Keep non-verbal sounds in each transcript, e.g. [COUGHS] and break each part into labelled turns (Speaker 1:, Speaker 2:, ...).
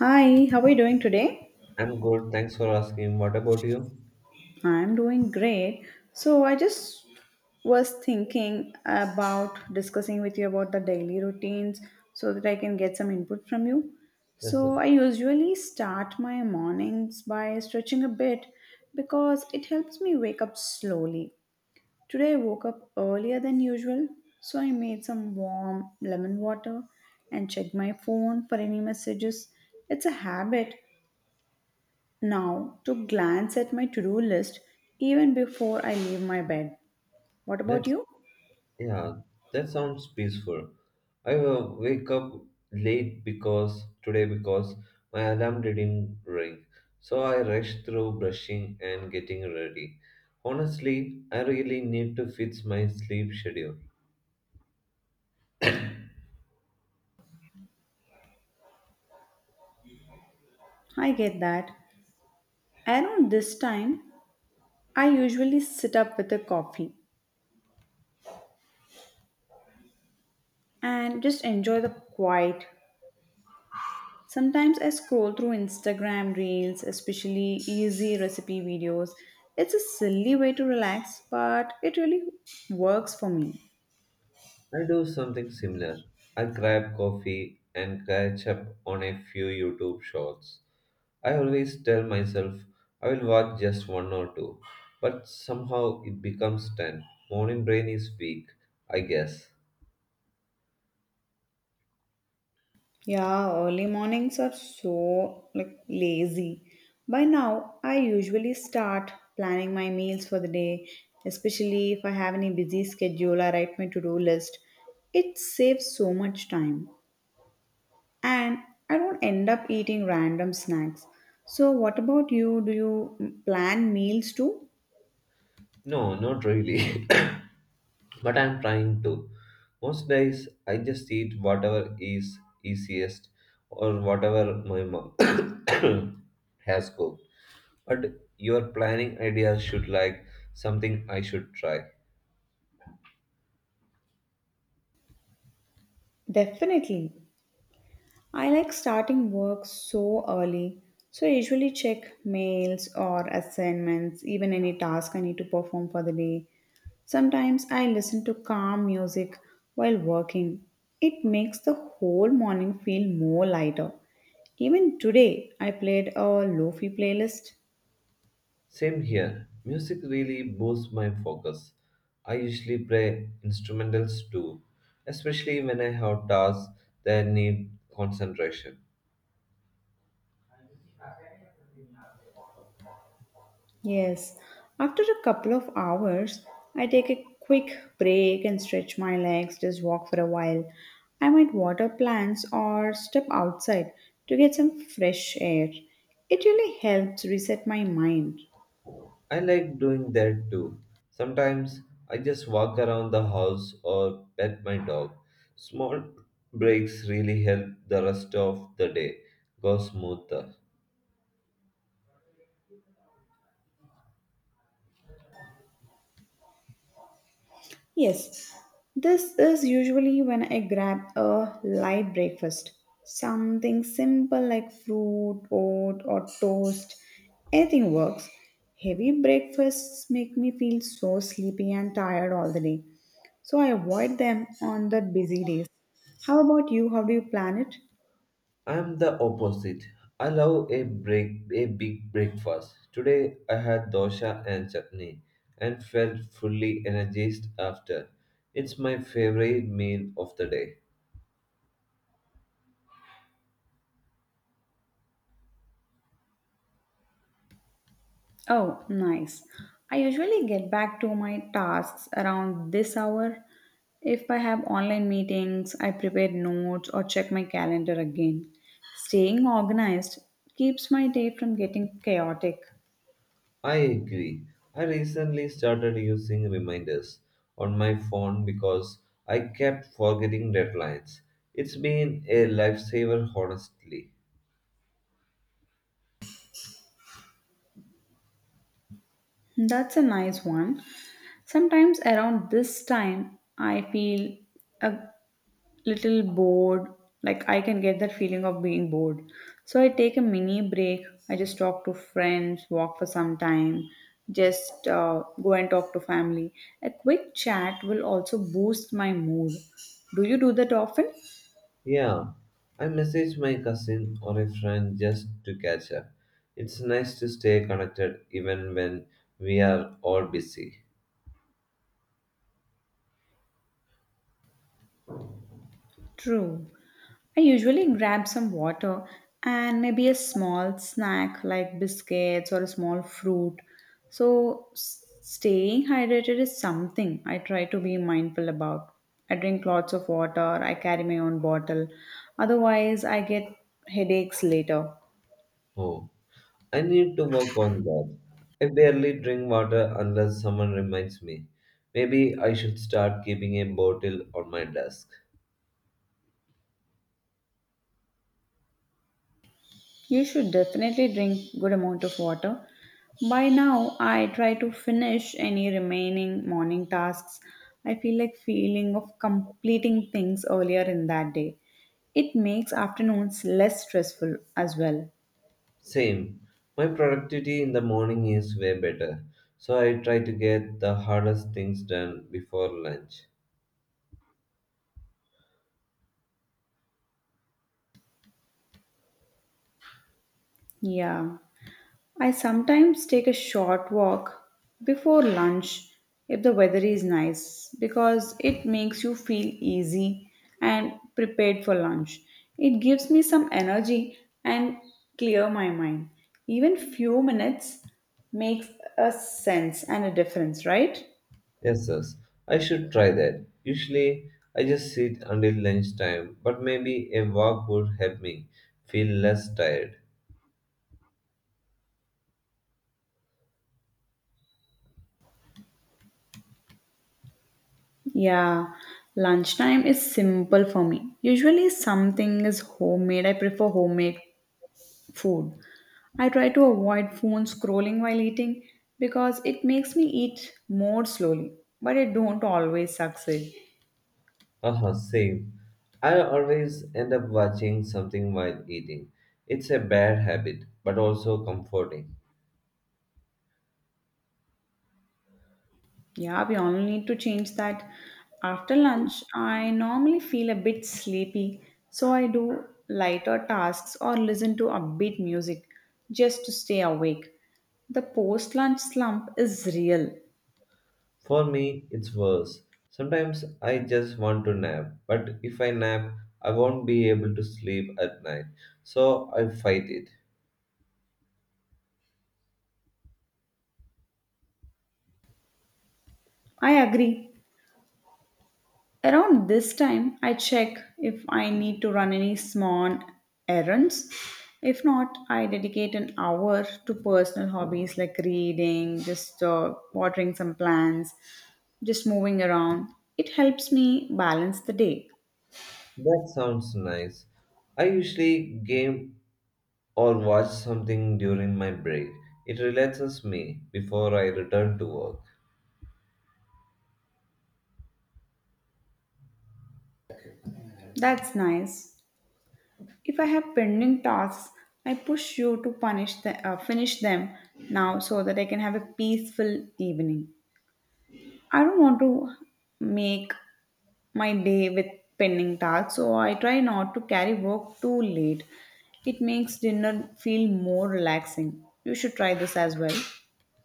Speaker 1: Hi, how are you doing today?
Speaker 2: I'm good. Thanks for asking. What about you?
Speaker 1: I'm doing great. So I just was thinking about discussing with you about the daily routines so that I can get some input from you.
Speaker 2: Yes, sir.
Speaker 1: So I usually start my mornings by stretching a bit because it helps me wake up slowly. Today I woke up earlier than usual, so I made some warm lemon water and checked my phone for any messages. It's a habit now to glance at my to do list even before I leave my bed. What about
Speaker 2: That's,
Speaker 1: you?
Speaker 2: yeah, that sounds peaceful. I wake up late because my alarm didn't ring. So I rushed through brushing and getting ready. Honestly, I really need to fix my sleep schedule.
Speaker 1: I get that. Around this time, I usually sit up with a coffee and just enjoy the quiet. Sometimes I scroll through Instagram reels, especially easy recipe videos. It's a silly way to relax, but it really works for me.
Speaker 2: I do something similar. I grab coffee and catch up on a few YouTube shorts. I always tell myself I will watch just one or two, but somehow it becomes 10. Morning brain is weak, I guess.
Speaker 1: Yeah, early mornings are so like lazy. By now, I usually start planning my meals for the day, especially if I have any busy schedule, I write my to-do list. It saves so much time and I don't end up eating random snacks. So what about you? Do you plan meals too?
Speaker 2: No, not really, [COUGHS] but I'm trying to. Most days I just eat whatever is easiest or whatever my mom [COUGHS] has cooked. But your planning idea should like something I should try.
Speaker 1: Definitely. I like starting work so early, so I usually check mails or assignments, even any task I need to perform for the day. Sometimes I listen to calm music while working. It makes the whole morning feel more lighter. Even today, I played a lofi playlist.
Speaker 2: Same here. Music really boosts my focus. I usually play instrumentals too, especially when I have tasks that need concentration.
Speaker 1: Yes, after a couple of hours, I take a quick break and stretch my legs, just walk for a while. I might water plants or step outside to get some fresh air. It really helps reset my mind.
Speaker 2: I like doing that too. Sometimes I just walk around the house or pet my dog. Small breaks really help the rest of the day go smoother.
Speaker 1: Yes, this is usually when I grab a light breakfast. Something simple like fruit, oat, or toast. Anything works. Heavy breakfasts make me feel so sleepy and tired all the day. So I avoid them on the busy days. How about you? How do you plan it?
Speaker 2: I'm the opposite. I love a break, a big breakfast. Today I had dosa and chutney and felt fully energized after. It's my favorite meal of the day.
Speaker 1: Oh, nice. I usually get back to my tasks around this hour. If I have online meetings, I prepare notes or check my calendar again. Staying organized keeps my day from getting chaotic.
Speaker 2: I agree. I recently started using reminders on my phone because I kept forgetting deadlines. It's been a lifesaver honestly.
Speaker 1: That's a nice one. Sometimes around this time, I feel a little bored. Like I can get that feeling of being bored. So I take a mini break. I just talk to friends, walk for some time, just go and talk to family. A quick chat will also boost my mood. Do you do that often?
Speaker 2: Yeah, I message my cousin or a friend just to catch up. It's nice to stay connected even when we are all busy.
Speaker 1: True. I usually grab some water and maybe a small snack like biscuits or a small fruit. So, staying hydrated is something I try to be mindful about. I drink lots of water, I carry my own bottle. Otherwise, I get headaches later.
Speaker 2: Oh, I need to work on that. I barely drink water unless someone reminds me. Maybe I should start keeping a bottle on my desk.
Speaker 1: You should definitely drink good amount of water. By now, I try to finish any remaining morning tasks. I feel like feeling of completing things earlier in that day. It makes afternoons less stressful as well.
Speaker 2: Same, my productivity in the morning is way better, so I try to get the hardest things done before lunch.
Speaker 1: Yeah. I sometimes take a short walk before lunch if the weather is nice because it makes you feel easy and prepared for lunch. It gives me some energy and clear my mind. Even few minutes makes a sense and a difference, right?
Speaker 2: Yes, yes. I should try that. Usually, I just sit until lunchtime, but maybe a walk would help me feel less tired.
Speaker 1: Yeah, lunchtime is simple for me. Usually something is homemade. I prefer homemade food. I try to avoid phone scrolling while eating because it makes me eat more slowly, but I don't always succeed.
Speaker 2: Haha, same. I always end up watching something while eating. It's a bad habit, but also comforting.
Speaker 1: Yeah, we all need to change that. After lunch, I normally feel a bit sleepy, so I do lighter tasks or listen to upbeat music just to stay awake. The post lunch slump is real.
Speaker 2: For me, it's worse. Sometimes I just want to nap, but if I nap, I won't be able to sleep at night, so I fight it.
Speaker 1: I agree. Around this time, I check if I need to run any small errands. If not, I dedicate an hour to personal hobbies like reading, just watering some plants, just moving around. It helps me balance the day.
Speaker 2: That sounds nice. I usually game or watch something during my break. It relaxes me before I return to work.
Speaker 1: That's nice. If I have pending tasks, I push you to punish finish them now so that I can have a peaceful evening. I don't want to make my day with pending tasks, so I try not to carry work too late. It makes dinner feel more relaxing. You should try this as well.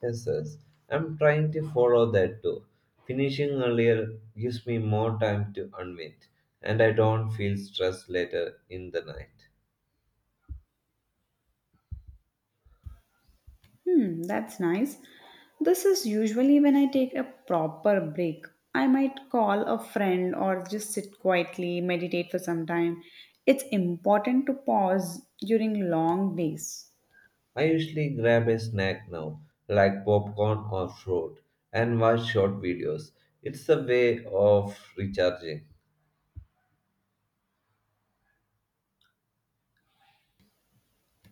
Speaker 2: Yes, yes. I'm trying to follow that too. Finishing earlier gives me more time to unwind, and I don't feel stressed later in the night.
Speaker 1: Hmm, that's nice. This is usually when I take a proper break. I might call a friend or just sit quietly, meditate for some time. It's important to pause during long days.
Speaker 2: I usually grab a snack now, like popcorn or fruit, and watch short videos. It's a way of recharging.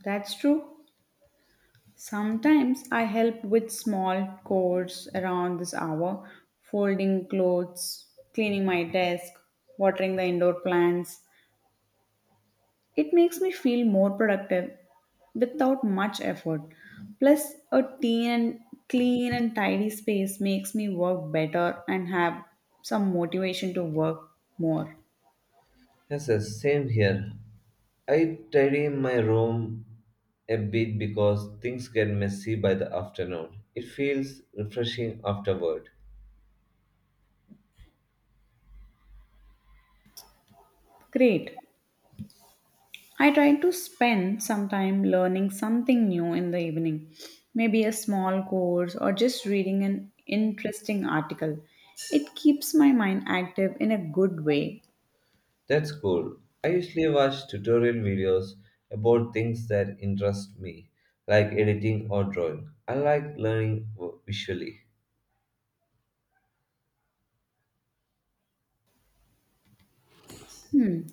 Speaker 1: That's true. Sometimes I help with small chores around this hour, folding clothes, cleaning my desk, watering the indoor plants. It makes me feel more productive without much effort. Plus, a teen and clean and tidy space makes me work better and have some motivation to work more.
Speaker 2: Yes, yes, same here. I tidy my room a bit because things get messy by the afternoon. It feels refreshing afterward.
Speaker 1: Great. I try to spend some time learning something new in the evening, maybe a small course or just reading an interesting article. It keeps my mind active in a good way.
Speaker 2: That's cool. I usually watch tutorial videos about things that interest me, like editing or drawing. I like learning visually.
Speaker 1: Hmm.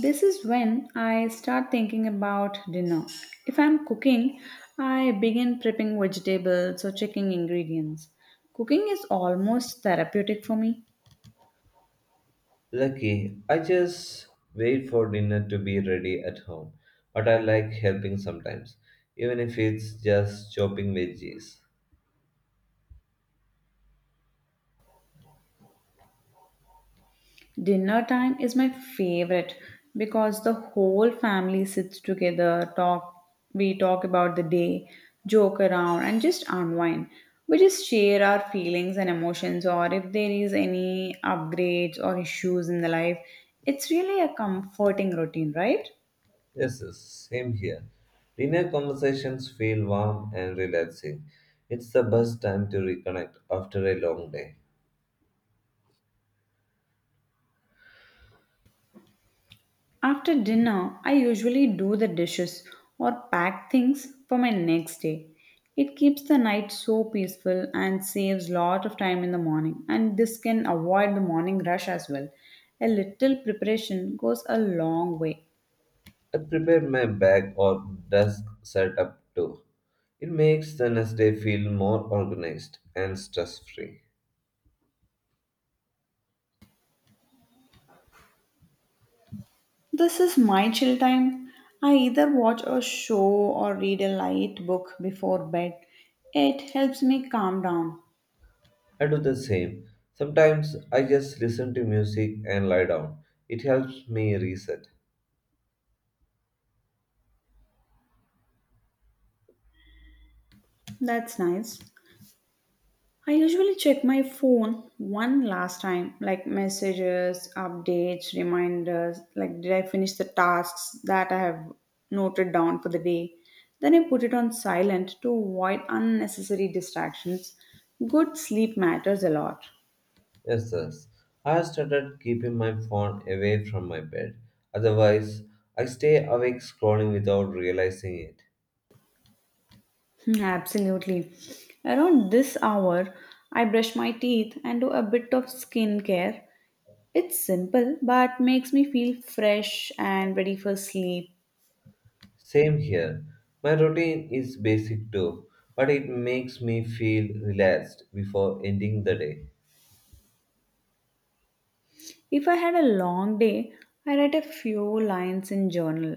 Speaker 1: This is when I start thinking about dinner. If I'm cooking, I begin prepping vegetables or checking ingredients. Cooking is almost therapeutic for me.
Speaker 2: Lucky, I just wait for dinner to be ready at home, but I like helping sometimes, even if it's just chopping veggies.
Speaker 1: Dinner time is my favorite because the whole family sits together, talk, we talk about the day, joke around, and just unwind. We just share our feelings and emotions, or if there is any upgrades or issues in the life. It's really a comforting routine, right?
Speaker 2: Yes, yes, same here. Dinner conversations feel warm and relaxing. It's the best time to reconnect after a long day.
Speaker 1: After dinner, I usually do the dishes or pack things for my next day. It keeps the night so peaceful and saves lot of time in the morning and this can avoid the morning rush as well. A little preparation goes a long way.
Speaker 2: I prepare my bag or desk setup too. It makes the next day feel more organized and stress free.
Speaker 1: This is my chill time. I either watch a show or read a light book before bed. It helps me calm down.
Speaker 2: I do the same. Sometimes I just listen to music and lie down. It helps me reset.
Speaker 1: That's nice. I usually check my phone one last time, like messages, updates, reminders, like did I finish the tasks that I have noted down for the day. Then I put it on silent to avoid unnecessary distractions. Good sleep matters a lot.
Speaker 2: Yes, yes. I have started keeping my phone away from my bed. Otherwise, I stay awake scrolling without realizing it.
Speaker 1: Hmm, absolutely. Around this hour, I brush my teeth and do a bit of skincare. It's simple but makes me feel fresh and ready for sleep.
Speaker 2: Same here. My routine is basic too, but it makes me feel relaxed before ending the day.
Speaker 1: If I had a long day, I write a few lines in journal,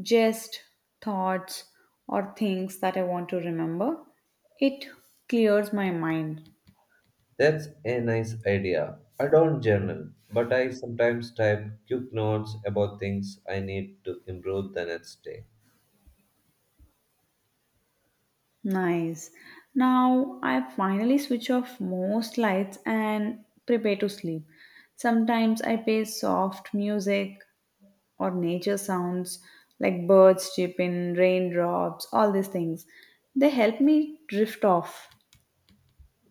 Speaker 1: just thoughts or things that I want to remember. It clears my mind.
Speaker 2: That's a nice idea. I don't journal, but I sometimes type quick notes about things I need to improve the next day.
Speaker 1: Nice. Now I finally switch off most lights and prepare to sleep. Sometimes I play soft music or nature sounds like birds chirping, raindrops, all these things. They help me drift off.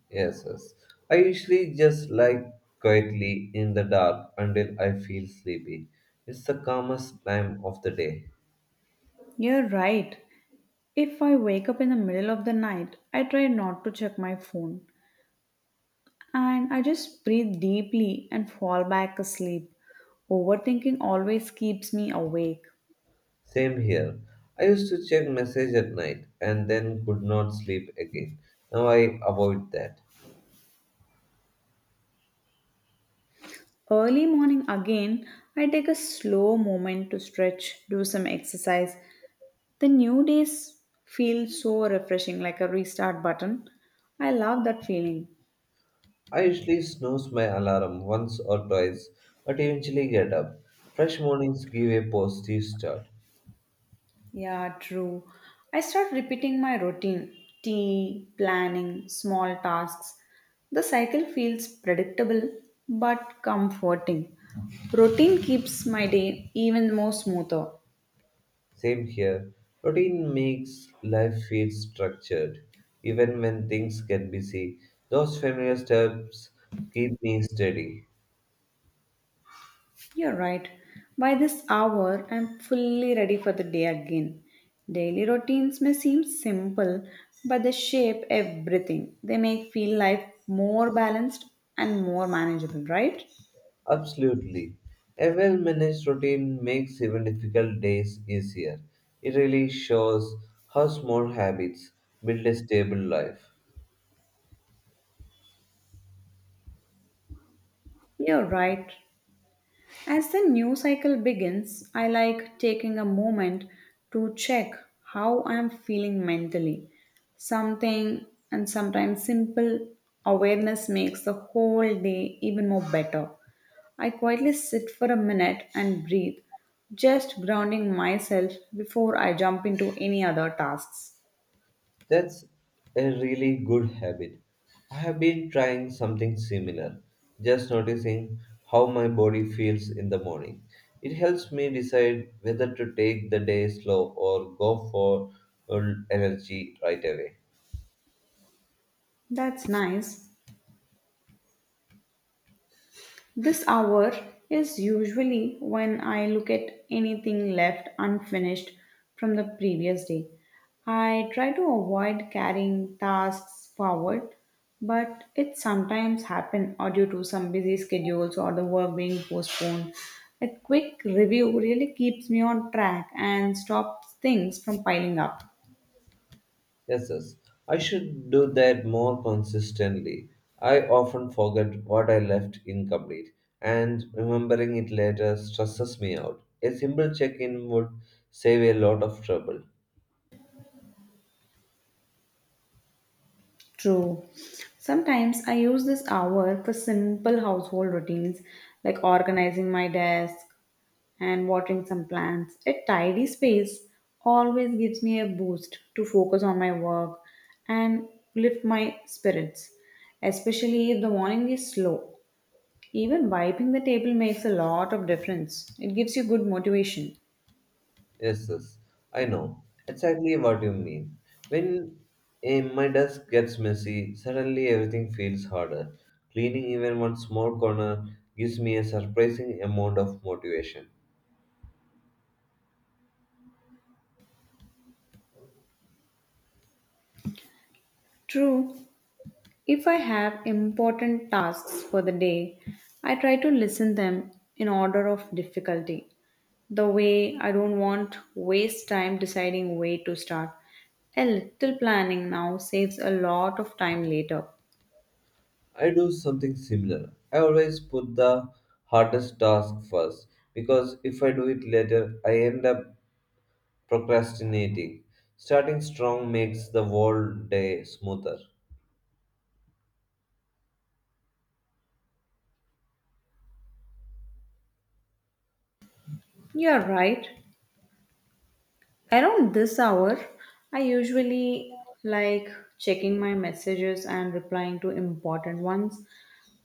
Speaker 2: Yes, yes. I usually just lie quietly in the dark until I feel sleepy. It's the calmest time of the day.
Speaker 1: You're right. If I wake up in the middle of the night, I try not to check my phone and I just breathe deeply and fall back asleep. Overthinking always keeps me awake.
Speaker 2: Same here. I used to check message at night and then could not sleep again. Now I avoid that.
Speaker 1: Early morning again, I take a slow moment to stretch, do some exercise. The new days feel so refreshing like a restart button. I love that feeling.
Speaker 2: I usually snooze my alarm once or twice, but eventually get up. Fresh mornings give a positive start.
Speaker 1: Yeah, true. I start repeating my routine tea, planning, small tasks. The cycle feels predictable but comforting. Routine keeps my day even more smoother.
Speaker 2: Same here. Routine makes life feel structured, even when things get busy. Those familiar steps keep me steady.
Speaker 1: You're right. By this hour, I'm fully ready for the day again. Daily routines may seem simple, but they shape everything. They make feel life more balanced and more manageable, right?
Speaker 2: Absolutely. A well managed routine makes even difficult days easier. It really shows how small habits build a stable life.
Speaker 1: You're right. As the new cycle begins, I like taking a moment to check how I am feeling mentally. Something and sometimes simple awareness makes the whole day even more better. I quietly sit for a minute and breathe, just grounding myself before I jump into any other tasks.
Speaker 2: That's a really good habit. I have been trying something similar, just noticing how my body feels in the morning. It helps me decide whether to take the day slow or go for uh, energy right away.
Speaker 1: That's nice. This hour is usually when I look at anything left unfinished from the previous day. I try to avoid carrying tasks forward, but it sometimes happens due to some busy schedules or the work being postponed. A quick review really keeps me on track and stops things from piling up.
Speaker 2: Yes, yes. I should do that more consistently. I often forget what I left incomplete, and remembering it later stresses me out. A simple check in would save a lot of trouble.
Speaker 1: True. Sometimes I use this hour for simple household routines like organizing my desk and watering some plants. A tidy space always gives me a boost to focus on my work and lift my spirits, especially if the morning is slow. Even wiping the table makes a lot of difference. It gives you good motivation.
Speaker 2: Yes, yes, I know exactly what you mean. When my desk gets messy, suddenly everything feels harder. Cleaning even one small corner gives me a surprising amount of motivation.
Speaker 1: True, if I have important tasks for the day, I try to listen them in order of difficulty. The way I don't want waste time deciding where to start. A little planning now saves a lot of time later.
Speaker 2: I do something similar. I always put the hardest task first because if I do it later, I end up procrastinating. Starting strong makes the whole day smoother.
Speaker 1: You're right. Around this hour, I usually like checking my messages and replying to important ones.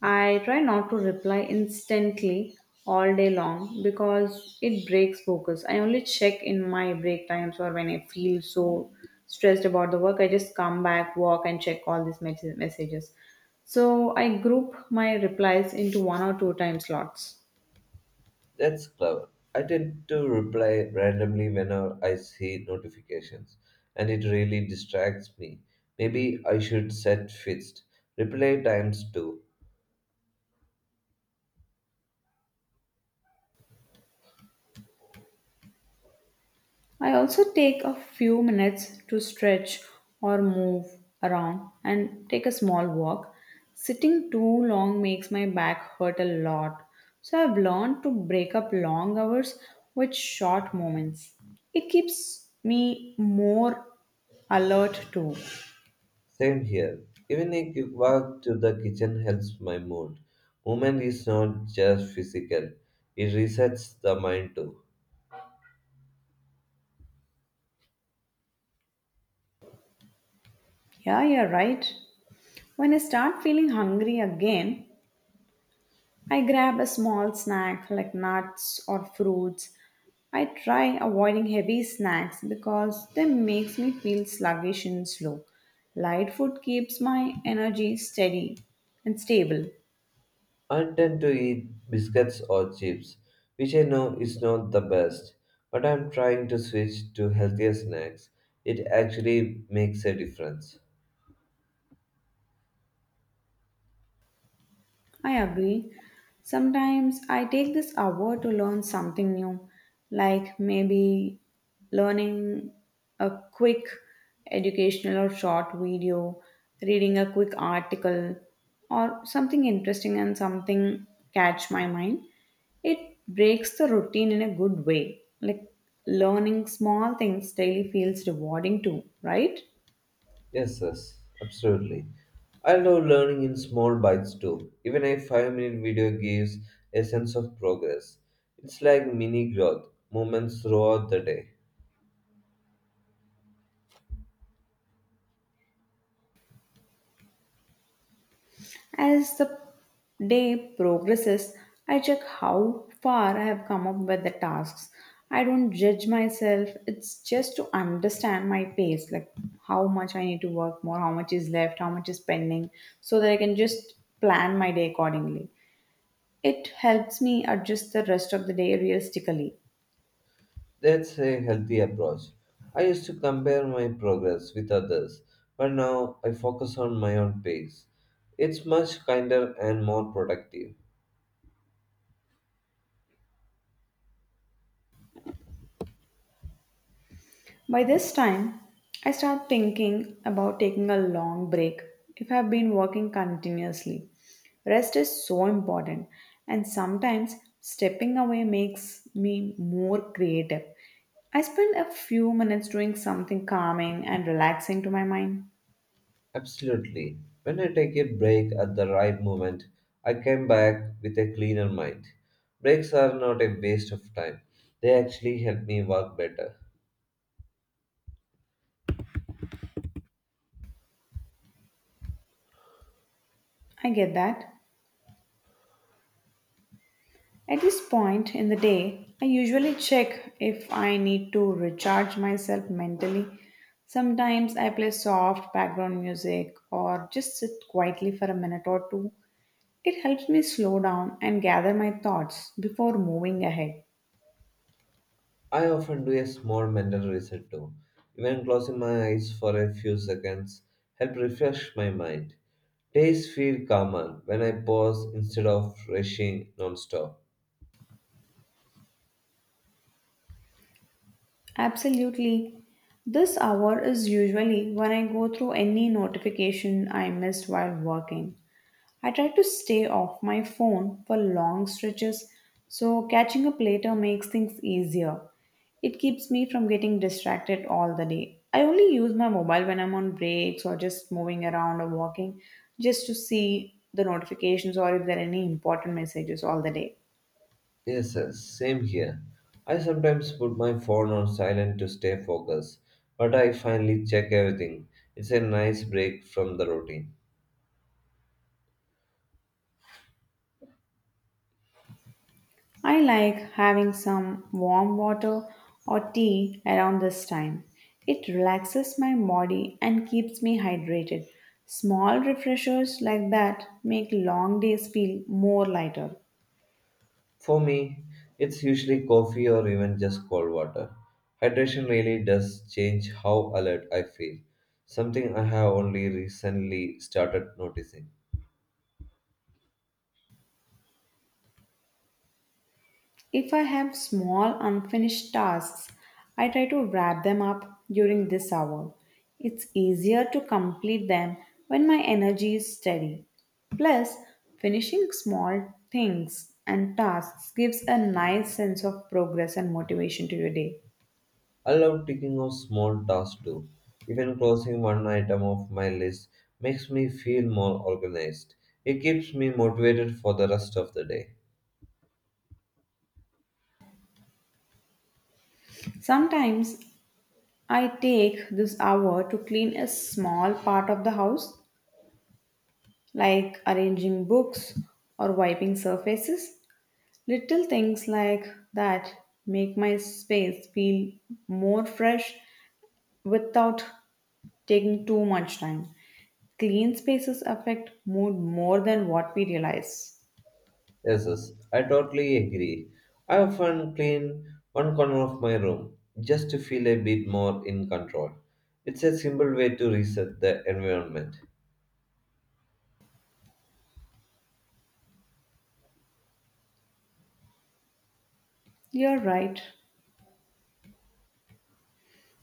Speaker 1: I try not to reply instantly all day long because it breaks focus. I only check in my break times or when I feel so stressed about the work. I just come back, walk, and check all these messages. So I group my replies into one or two time slots.
Speaker 2: That's clever. I tend to reply randomly whenever I see notifications, and it really distracts me. Maybe I should set fixed reply times too.
Speaker 1: I also take a few minutes to stretch or move around and take a small walk. Sitting too long makes my back hurt a lot. So I've learned to break up long hours with short moments. It keeps me more alert too.
Speaker 2: Same here. Even a quick walk to the kitchen helps my mood. Movement is not just physical, it resets the mind too.
Speaker 1: Yeah, you're right. When I start feeling hungry again, I grab a small snack like nuts or fruits. I try avoiding heavy snacks because they makes me feel sluggish and slow. Light food keeps my energy steady and stable.
Speaker 2: I tend to eat biscuits or chips, which I know is not the best, but I'm trying to switch to healthier snacks. It actually makes a difference.
Speaker 1: I agree. Sometimes I take this hour to learn something new, like maybe learning a quick educational or short video, reading a quick article, or something interesting and something catch my mind. It breaks the routine in a good way. Like learning small things daily feels rewarding too, right?
Speaker 2: Yes, yes, absolutely. I love learning in small bites too. Even a 5-minute minute video gives a sense of progress. It's like mini growth moments throughout the day.
Speaker 1: As the day progresses, I check how far I have come up with the tasks. I don't judge myself, it's just to understand my pace, like how much I need to work more, how much is left, how much is pending, so that I can just plan my day accordingly. It helps me adjust the rest of the day realistically.
Speaker 2: That's a healthy approach. I used to compare my progress with others, but now I focus on my own pace. It's much kinder and more productive.
Speaker 1: By this time, I start thinking about taking a long break if I've been working continuously. Rest is so important, and sometimes stepping away makes me more creative. I spend a few minutes doing something calming and relaxing to my mind.
Speaker 2: Absolutely. When I take a break at the right moment, I come back with a cleaner mind. Breaks are not a waste of time, they actually help me work better.
Speaker 1: I get that. At this point in the day, I usually check if I need to recharge myself mentally. Sometimes I play soft background music or just sit quietly for a minute or two. It helps me slow down and gather my thoughts before moving ahead.
Speaker 2: I often do a small mental reset too. Even closing my eyes for a few seconds help refresh my mind. Days feel calmer when I pause instead of rushing non-stop.
Speaker 1: Absolutely. This hour is usually when I go through any notification I missed while working. I try to stay off my phone for long stretches, so catching up later makes things easier. It keeps me from getting distracted all the day. I only use my mobile when I'm on breaks or just moving around or walking just to see the notifications or if there are any important messages all the day.
Speaker 2: Yes, yes, same here. I sometimes put my phone on silent to stay focused, but I finally check everything. It's a nice break from the routine.
Speaker 1: I like having some warm water or tea around this time. It relaxes my body and keeps me hydrated. Small refreshers like that make long days feel more lighter.
Speaker 2: For me, it's usually coffee or even just cold water. Hydration really does change how alert I feel, something I have only recently started noticing.
Speaker 1: If I have small unfinished tasks, I try to wrap them up during this hour. It's easier to complete them when my energy is steady. Plus, finishing small things and tasks gives a nice sense of progress and motivation to your day.
Speaker 2: I love ticking off small tasks too. Even closing one item off my list makes me feel more organized. It keeps me motivated for the rest of the day.
Speaker 1: Sometimes I take this hour to clean a small part of the house, like arranging books or wiping surfaces. Little things like that make my space feel more fresh without taking too much time. Clean spaces affect mood more than what we realize.
Speaker 2: Yes, yes, I totally agree. I often clean one corner of my room just to feel a bit more in control. It's a simple way to reset the environment.
Speaker 1: You're right.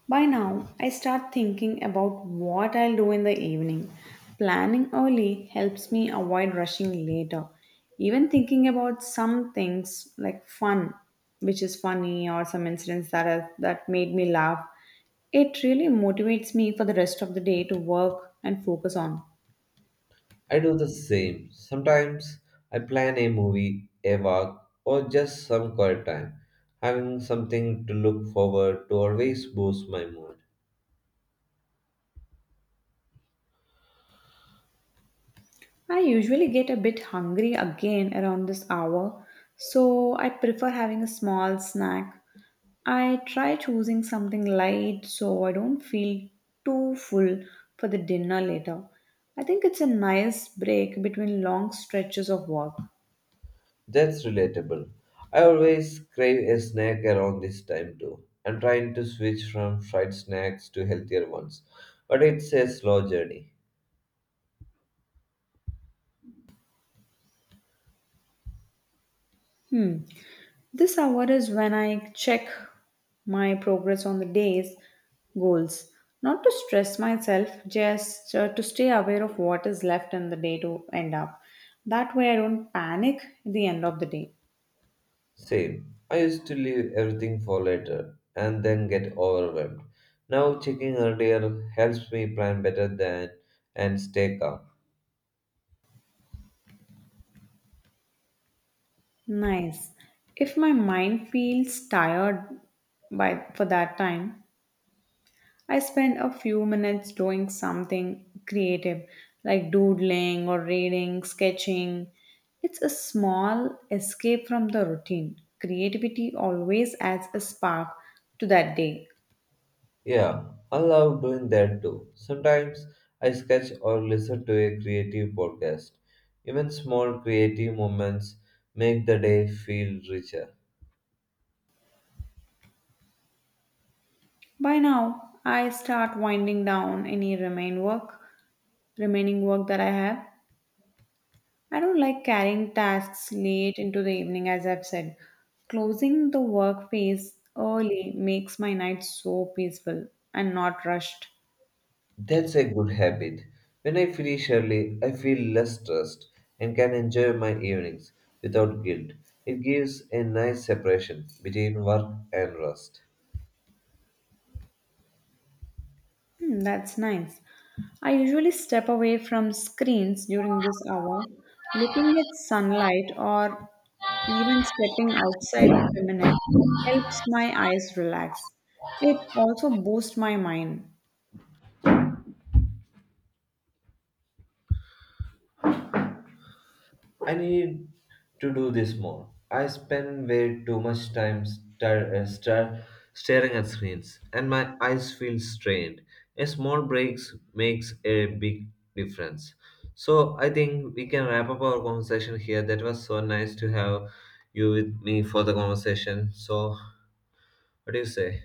Speaker 1: By now, I start thinking about what I'll do in the evening. Planning early helps me avoid rushing later. Even thinking about some things like fun, which is funny, or some incidents that have, that made me laugh, it really motivates me for the rest of the day to work and focus on.
Speaker 2: I do the same. Sometimes I plan a movie, a walk, or just some quiet time. Having something to look forward to always boosts my mood.
Speaker 1: I usually get a bit hungry again around this hour, so I prefer having a small snack. I try choosing something light so I don't feel too full for the dinner later. I think it's a nice break between long stretches of work.
Speaker 2: That's relatable. I always crave a snack around this time too. I'm trying to switch from fried snacks to healthier ones, but it's a slow journey.
Speaker 1: Hmm. This hour is when I check my progress on the day's goals. Not to stress myself, just to stay aware of what is left in the day to end up. That way, I don't panic at the end of the day.
Speaker 2: Same. I used to leave everything for later and then get overwhelmed. Now checking earlier helps me plan better than and stay calm.
Speaker 1: Nice. If my mind feels tired by for that time, I spend a few minutes doing something creative like doodling or reading, sketching. It's a small escape from the routine. Creativity always adds a spark to that day.
Speaker 2: Yeah, I love doing that too. Sometimes I sketch or listen to a creative podcast. Even small creative moments make the day feel richer.
Speaker 1: By now, I start winding down remaining work that I have. I don't like carrying tasks late into the evening as I've said. Closing the work phase early makes my night so peaceful and not rushed.
Speaker 2: That's a good habit. When I finish early, I feel less stressed and can enjoy my evenings without guilt. It gives a nice separation between work and rest.
Speaker 1: Hmm, that's nice. I usually step away from screens during this hour, looking at sunlight or even stepping outside for a minute helps my eyes relax. It also boosts my mind.
Speaker 2: I need to do this more. I spend way too much time staring at screens, and my eyes feel strained. A small breaks makes a big difference. So I think we can wrap up our conversation here. That was so nice to have you with me for the conversation. So what do you say?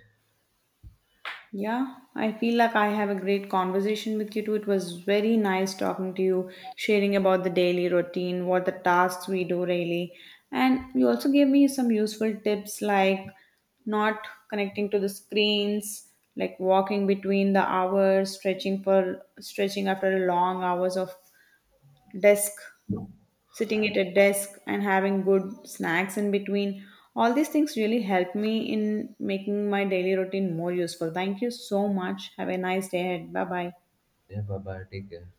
Speaker 1: Yeah, I feel like I have a great conversation with you too. It was very nice talking to you, sharing about the daily routine, what the tasks we do really. And you also gave me some useful tips like not connecting to the screens, like walking between the hours, stretching after long hours of desk sitting at a desk and having good snacks in between. All these things really help me in making my daily routine more useful. Thank you so much. Have a nice day ahead. Bye bye.
Speaker 2: Yeah, bye bye. Take care.